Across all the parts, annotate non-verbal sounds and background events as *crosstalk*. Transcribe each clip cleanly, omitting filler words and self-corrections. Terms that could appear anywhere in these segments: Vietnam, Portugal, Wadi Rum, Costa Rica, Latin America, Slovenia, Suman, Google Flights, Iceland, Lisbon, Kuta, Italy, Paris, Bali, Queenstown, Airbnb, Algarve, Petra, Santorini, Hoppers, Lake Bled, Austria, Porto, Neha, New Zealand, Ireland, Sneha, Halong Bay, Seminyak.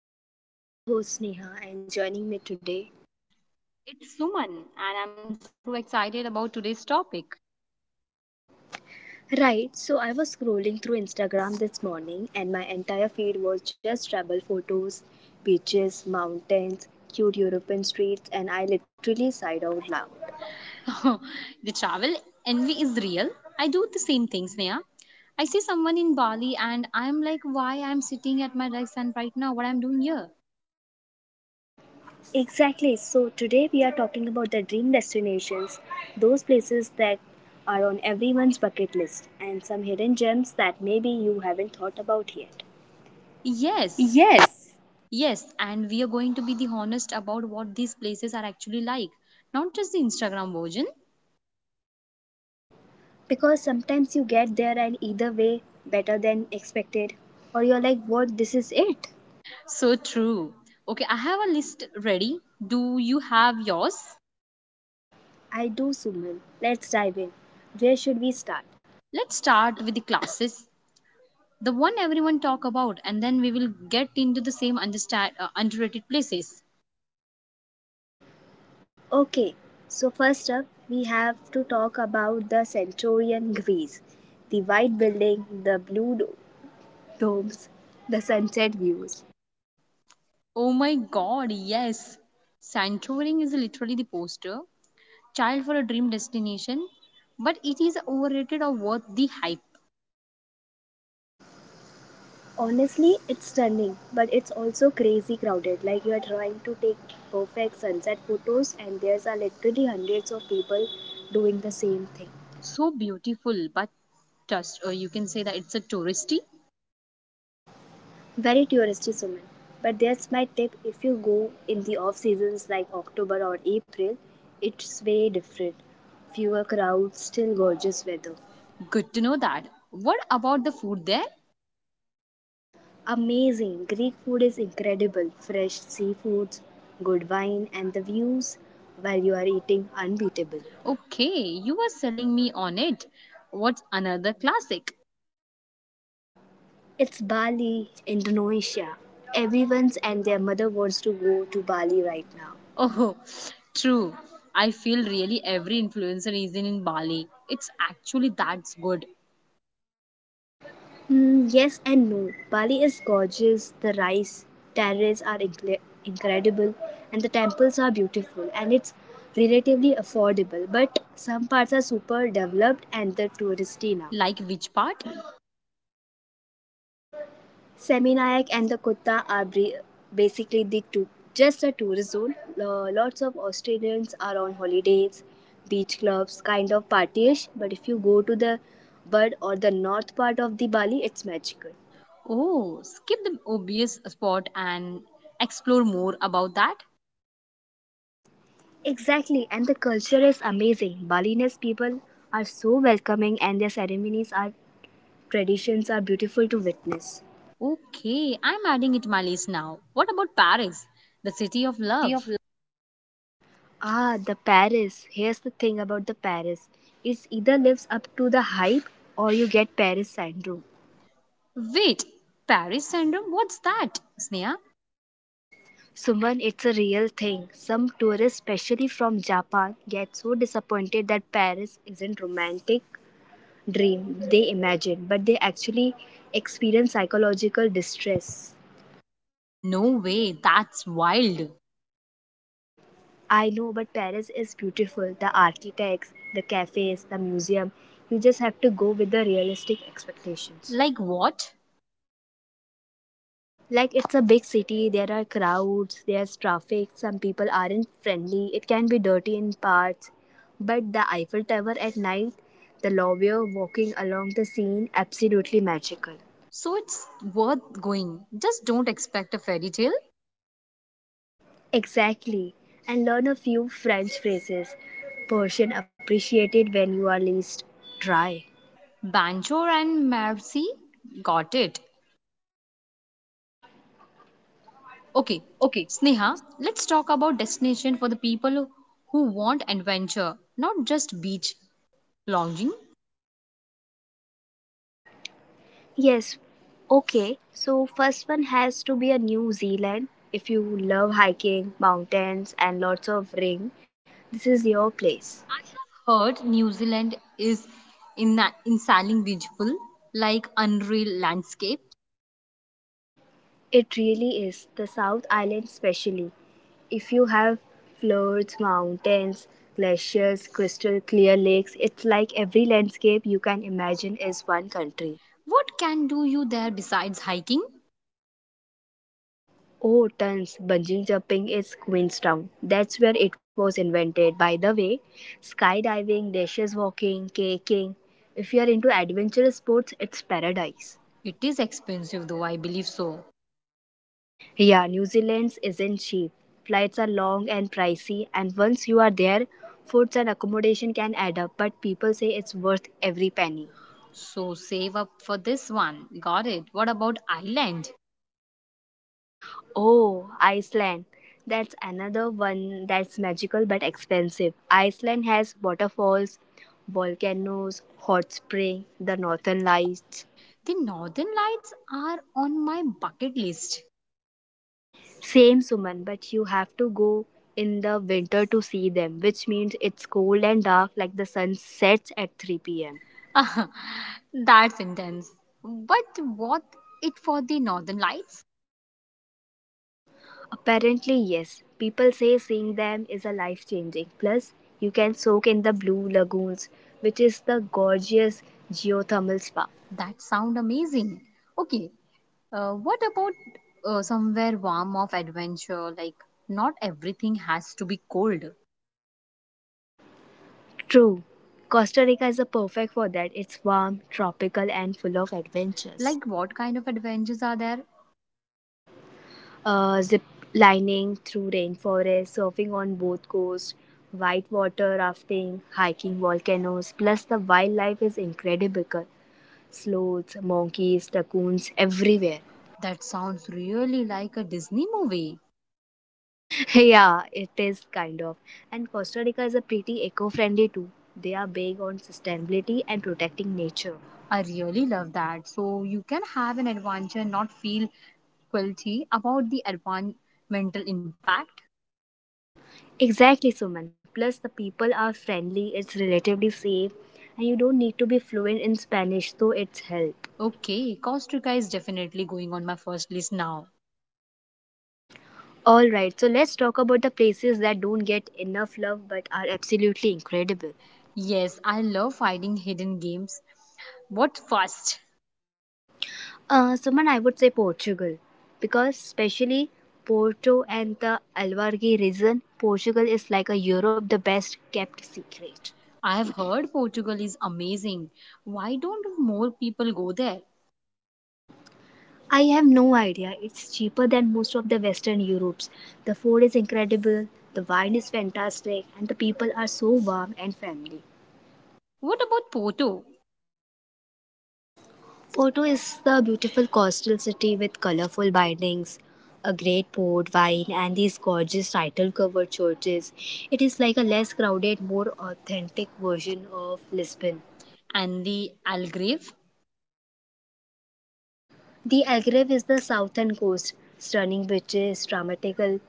the podcast. I'm your host Neha and joining me today. It's Suman, and I'm so excited about today's topic. Right, so I was scrolling through Instagram this morning and my entire feed was just travel photos, beaches, mountains, cute European streets, and I literally sighed out loud. *laughs* The travel envy is real. I do the same things, Neha. I see someone in Bali, and I'm like, why I'm sitting at my desk and right now, what I'm doing here? Exactly, so today we are talking about the dream destinations, those places that are on everyone's bucket list, and some hidden gems that maybe you haven't thought about yet. Yes, Yes, yes, and we are going to be the honest about what these places are actually like, not just the Instagram version. because sometimes you get there and either way better than expected or you're like what this is it. So true. Okay, I have a list ready. Do you have yours? I do, Suman. Let's dive in. Where should we start? Let's start with the classes, the one everyone talk about, and then we will get into the same understand underrated places. Okay, so first up, we have to talk about the centurion greece, the white building, the blue domes, the sunset views. Oh my god, yes, santorini is literally the poster child for a dream destination, but it is overrated or worth the hype? Honestly, it's stunning but it's also crazy crowded, like you are trying to take perfect sunset photos and there's are literally hundreds of people doing the same thing. So beautiful, but just you can say that it's a touristy. Very touristy, Suman. But that's my tip, if you go in the off seasons like October or April, it's way different. Fewer crowds, still gorgeous weather. Good to know that. What about the food there? Amazing! Greek food is incredible. Fresh seafoods, good wine, and the views while you are eating unbeatable. Okay, you were selling me on it. What's another classic? It's Bali, Indonesia. Everyone's and their mother wants to go to Bali right now. Oh, true. I feel really every influencer is in Bali. It's actually that's good. Mm, yes and no. Bali is gorgeous, the rice terraces are incredible, and the temples are beautiful, and it's relatively affordable. But some parts are super developed and the touristy now. Like which part? Seminayak and the Kutta are basically the two, just a tourist zone. Lots of Australians are on holidays, beach clubs, kind of partyish. But if you go to the Bud or the north part of the Bali, it's magical. Oh, skip the obvious spot and explore more about that. Exactly, and the culture is amazing. Balinese people are so welcoming, and their ceremonies are traditions are beautiful to witness. Okay, I'm adding it to my list now. What about Paris? The city of City love. of Ah, the Paris. Here's the thing about the Paris. It either lives up to the hype or you get Paris syndrome. Wait, Paris syndrome? What's that, Sneha? Suman, it's a real thing. Some tourists, especially from Japan, get so disappointed that Paris isn't romantic dream they imagine, but they actually experience psychological distress. No way, that's wild. I know, but Paris is beautiful. The architects, the cafes, the museum. You just have to go with the realistic expectations. Like what? Like it's a big city, there are crowds, there's traffic, some people aren't friendly, it can be dirty in parts. But the Eiffel Tower at night, the lawyer walking along the scene, absolutely magical. So it's worth going. Just don't expect a fairy tale. Exactly. And learn a few French phrases. Persian appreciated when you are least dry. Banjor and Marcy, got it. Okay, Okay, Sneha, let's talk about destination for the people who want adventure, not just beach lounging. yes. Okay. So first one has to be a New Zealand. If you love hiking, mountains and lots of rain, this is your place. I have heard New Zealand is in insanely beautiful, like unreal landscape. It really is. The South Island especially. If you have fjords, mountains, glaciers, crystal clear lakes, it's like every landscape you can imagine is one country. What can do you there besides hiking? Oh, tons. Bungee jumping is Queenstown. That's where it was invented. By the way, skydiving, dashes walking, kayaking. If you are into adventurous sports, it's paradise. It is expensive though, I believe so. Yeah, New Zealand isn't cheap. Flights are long and pricey, and once you are there, foods and accommodation can add up, but people say it's worth every penny. So save up for this one. Got it. What about Ireland? Oh, Iceland. That's another one that's magical but expensive. Iceland has waterfalls, volcanoes, hot spring, the northern lights. The Northern Lights are on my bucket list. Same Suman, but you have to go in the winter to see them, which means it's cold and dark like the sun sets at 3 pm. *laughs* That's intense. But what it for the northern lights? Apparently, yes. People say seeing them is a life changing. Plus, you can soak in the blue lagoons, which is the gorgeous geothermal spa. That sound amazing. Okay, what about somewhere warm of adventure? Like not everything has to be cold. True. Costa Rica is a perfect for that. It's warm, tropical, and full of adventures. Like what kind of adventures are there? Zip lining through rainforest, surfing on both coasts, whitewater rafting, hiking volcanoes. Plus, the wildlife is incredible. Sloths, monkeys, raccoons, everywhere. That sounds really like a Disney movie. *laughs* Yeah, it is kind of. And Costa Rica is a pretty eco-friendly too. They are big on sustainability and protecting nature. I really love that. So you can have an adventure not feel guilty about the environmental impact. Exactly, Suman. Plus, the people are friendly, it's relatively safe, and you don't need to be fluent in Spanish, so it's help. Okay, Costa Rica is definitely going on my first list now. Alright, so let's talk about the places that don't get enough love but are absolutely incredible. Yes, I love finding hidden games. What fast! Suman, I would say Portugal. Because, especially Porto and the Algarve region, Portugal is like a Europe the best kept secret. I have heard Portugal is amazing. Why don't more people go there? I have no idea. It's cheaper than most of the Western Europe's. The food is incredible, the wine is fantastic, and the people are so warm and family. What about Porto Porto is the beautiful coastal city with colorful bindings, a great port, wine, and these gorgeous title covered churches. It is like a less crowded, more authentic version of Lisbon. and the Algarve? The Algarve is the southern coast, stunning beaches, dramatical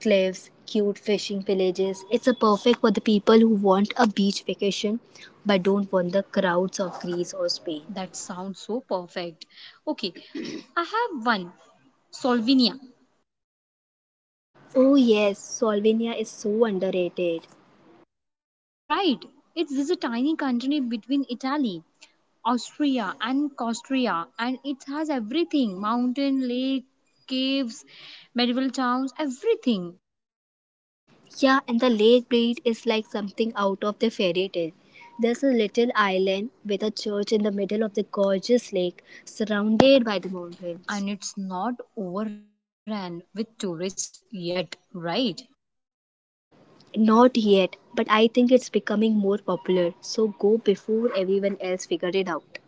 cliffs, cute fishing villages. It's a perfect for the people who want a beach vacation but don't want the crowds of Greece or Spain. That sounds so perfect. Okay, *clears throat* I have one. Slovenia. Oh yes, Slovenia is so underrated. Right. It's a tiny country between Italy, Austria and Costa, and it has everything. Mountain, lake, caves, medieval towns, everything. Yeah, and the lake breed is like something out of the fairy tale. There's a little island with a church in the middle of the gorgeous lake, surrounded by the mountains. And it's not overrun with tourists yet, right? Not yet, but I think it's becoming more popular, so go before everyone else figure it out.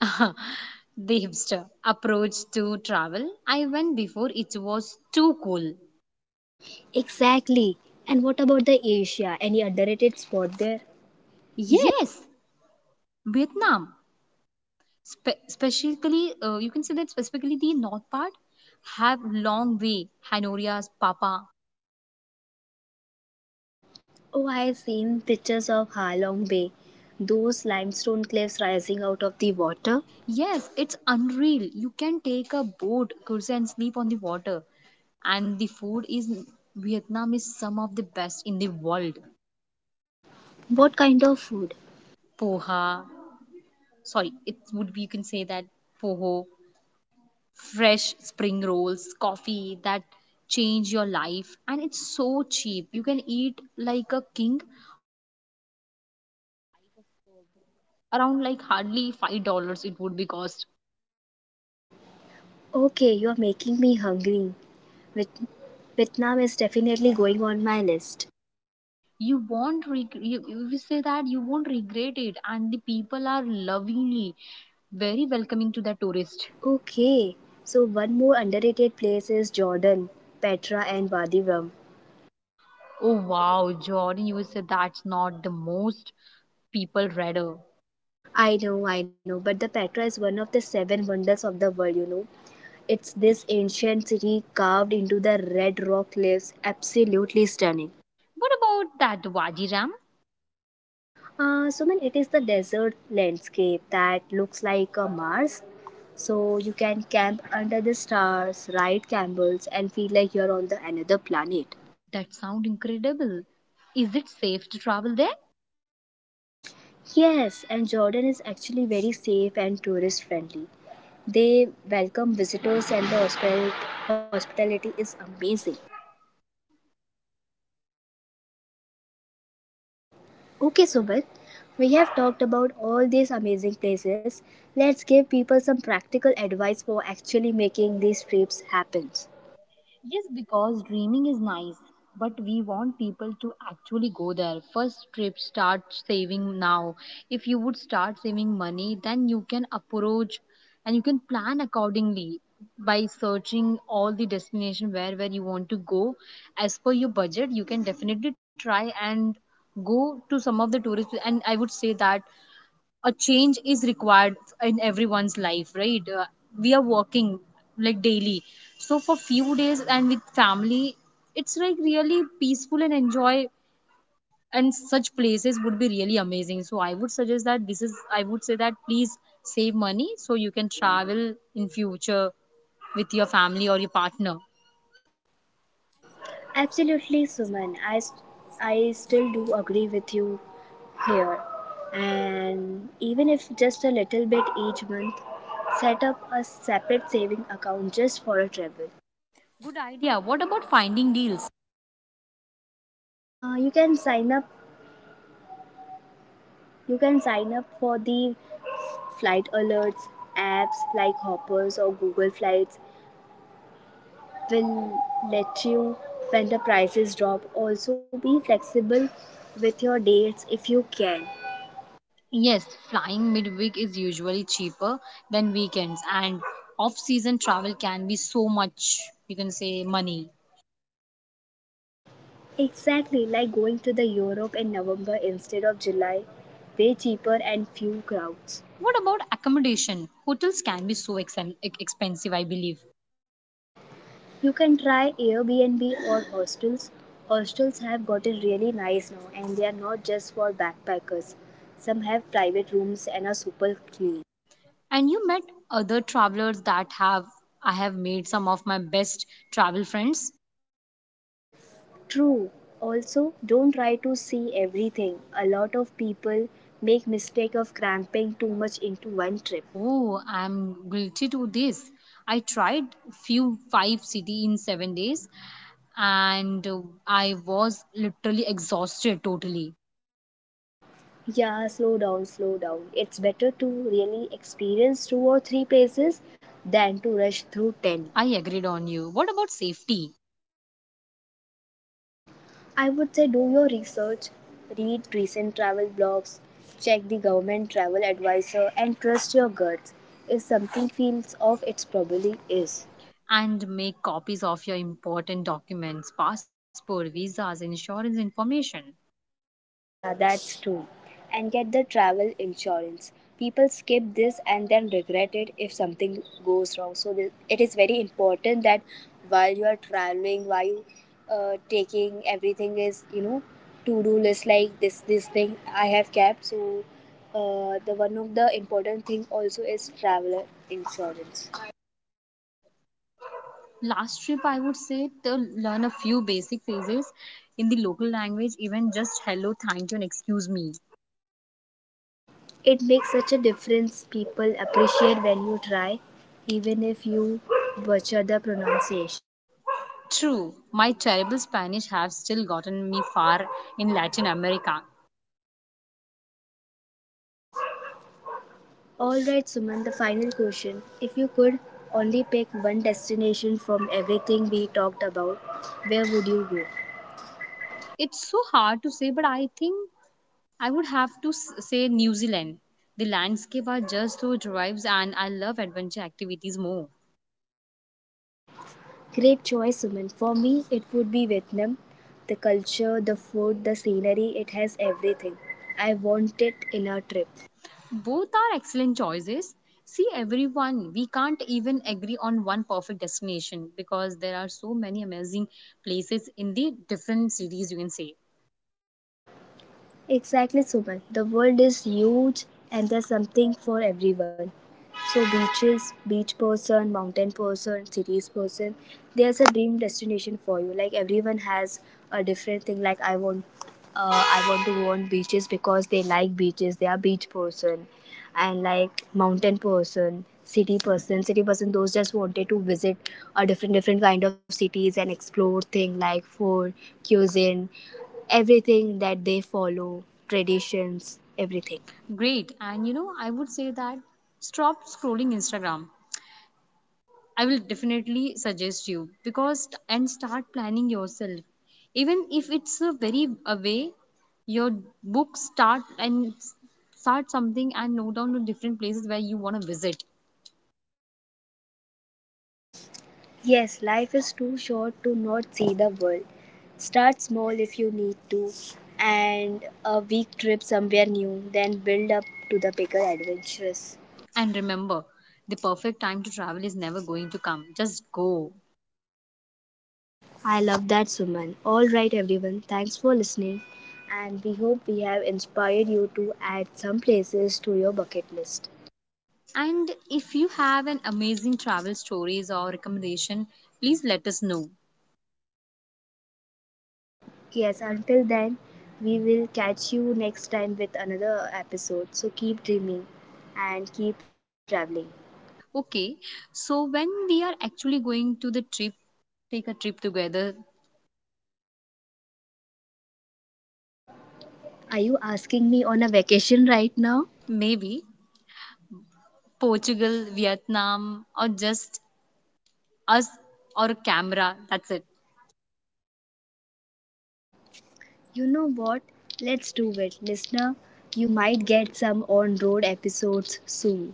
*laughs* The hipster approach to travel. I went before it was too cool. Exactly. And what about the Asia? Any underrated spot there? Yeah. Yes, Vietnam, specifically, you can say that specifically the north part have long way. Hanoria's Papa. Oh, I've seen pictures of Halong Bay. Those limestone cliffs rising out of the water. Yes, it's unreal. You can take a boat, cruise and sleep on the water, and the food is, Vietnam is some of the best in the world. What kind of food? Poha, sorry, it would be you can say that poho, fresh spring rolls, coffee that change your life, and it's so cheap. You can eat like a king, around like hardly $5. It would be cost. Okay, you're making me hungry. Viet- Vietnam is definitely going on my list. You won't reg- You say that you won't regret it, and the people are lovingly, very welcoming to the tourist. Okay, so one more underrated place is Jordan, Petra, and Wadi Rum. Oh wow, Jordan, you will say that's not the most people rather. I know, but the Petra is one of the seven wonders of the world, you know. It's this ancient city carved into the red rock cliffs, absolutely stunning. What Wajiram? So, man, it is the desert landscape that looks like a Mars. So, you can camp under the stars, ride camels, and feel like you're on the another planet. That sound incredible. Is it safe to travel there? Yes, and Jordan is actually very safe and tourist friendly. They welcome visitors, and the hospitality is amazing. Okay, Sumit, we have talked about all these amazing places. Let's give people some practical advice for actually making these trips happen. Yes, because dreaming is nice, but we want people to actually go there. First trip, start saving now. If you would start saving money, then you can approach and you can plan accordingly by searching all the destination where you want to go as per your budget. You can definitely try and go to some of the tourist, and I would say that a change is required in everyone's life, right? We are working like daily, so for few days and with family it's like really peaceful and enjoy, and such places would be really amazing. So I would suggest that, this is, I would say that please save money so you can travel in future with your family or your partner. Absolutely, Suman. I still do agree with you here. And even if just a little bit each month, set up a separate saving account just for a travel. You can sign up. You can sign up for the flight alerts apps like Hoppers or Google Flights will let you when the prices drop. Also, be flexible with your dates if you can. Yes, flying midweek is usually cheaper than weekends, and off season travel can be so much, you can say, money. Exactly like going to the Europe in November instead of July, way cheaper and few crowds. What about accommodation? Hotels can be so expensive, I believe. You can try Airbnb or hostels. Hostels have gotten really nice now and they are not just for backpackers. Some have private rooms and are super clean. And you met other travelers that have, I have made some of my best travel friends. True. Also, don't try to see everything. A lot of people make mistake of cramping too much into one trip. Oh, I'm guilty to this. I tried few five city in 7 days, and I was literally exhausted totally. Yeah, slow down, slow down. It's better to really experience two or three places than to rush through 10. I agreed on you. What about safety? I would say do your research, read recent travel blogs, check the government travel advisor and trust your guts. If something feels off, it probably is. And make copies of your important documents, passport, visas, insurance information. Yeah, that's true. And get the travel insurance. People skip this and then regret it if something goes wrong. So it is very important that while you are traveling, while you taking everything is you know to do list like this thing I have kept. So the one of the important thing also is traveler insurance. Last trip, I would say to learn a few basic phrases in the local language, even just hello, thank you, and excuse me. It makes such a difference. People appreciate when you try, even if you butcher the pronunciation. True, my terrible Spanish have still gotten me far in Latin America. Alright, Suman, the final question. If you could only pick one destination from everything we talked about, where would you go? It's so hard to say, but I think I would have to say New Zealand. The landscape are just so drives, and I love adventure activities more. Great choice, Suman. For me, it would be Vietnam. The culture, the food, the scenery, it has everything. I want it in a trip. Both are excellent choices. See, everyone, we can't even agree on one perfect destination because there are so many amazing places in the different cities, you can say. Exactly, Suman. The world is huge and there's something for everyone. So beaches, beach person, mountain person, cities person, there's a dream destination for you. Like everyone has a different thing. Like uh, I want to go on beaches because they like beaches. They are beach person, and like mountain person, city person, city person. Those just wanted to visit a different different kind of cities and explore thing like food, cuisine, everything that they follow, traditions, everything. Great. And you know, I would say that stop scrolling Instagram. I will definitely suggest you because and start planning yourself. Even if it's a very away, your book start and start something and note down the different places where you want to visit. Yes, life is too short to not see the world. Start small if you need to, and a week trip somewhere new, then build up to the bigger adventures. I love that, Suman. All right, everyone, thanks for listening, and we hope we have inspired you to add some places to your bucket list. Yes, until then, we will catch you next time with another episode. So keep dreaming and keep traveling. Okay, so when we are actually going to the trip, take a trip together, Are you asking me on a vacation right now? maybe Portugal, Vietnam, or just us or a camera, that's it. You know what? Let's do it, listener. You might get some on road episodes soon.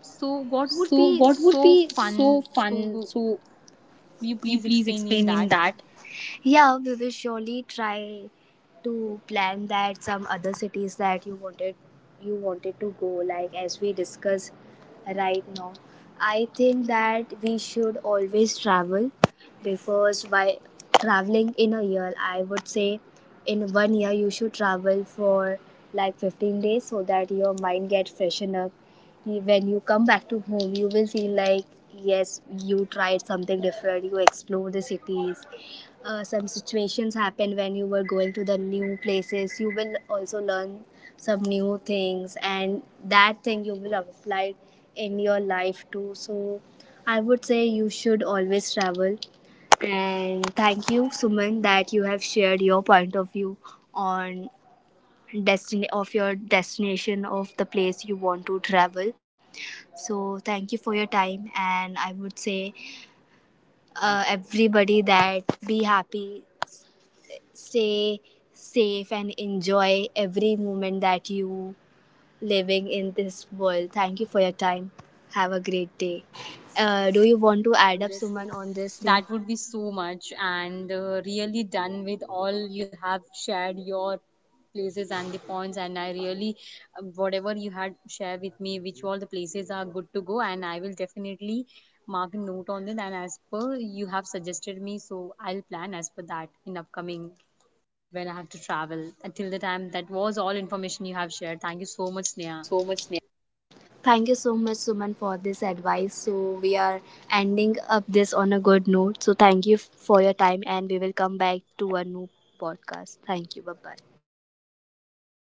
So, what would So, be what would be so so fun? fun? So, So, will could you you please please explain explain in in that? that? Yeah, we will surely try to plan that some other cities that you wanted to go like as we discuss right now. I think that we should always travel because by traveling in a year I would say in one year you should travel for like 15 days so that your mind gets freshened up when you come back to home you will feel like yes you tried something different you explore the cities, some situations happen when you were going to the new places you will also learn some new things and that thing you will apply in your life too. So I would say you should always travel, and thank you Suman that you have shared your point of view on destiny of your destination of the place you want to travel. So thank you for your time, and I would say everybody that be happy, stay safe, and enjoy every moment that you living in this world. Thank you for your time. Have a great day. Do you want to add up Suman on this thing? That would be so much, and really done with all you have shared your places and the points. And I really, whatever you had shared with me, which all the places are good to go, and I will definitely mark a note on it. And as per you have suggested me, so I'll plan as per that in upcoming when I have to travel. Until the time, that was all information you have shared. Thank you so much, So Neha. much Thank you so much, Suman, for this advice. So we are ending up this on a good note. So thank you for your time, and we will come back to a new podcast. Thank you. Bye bye.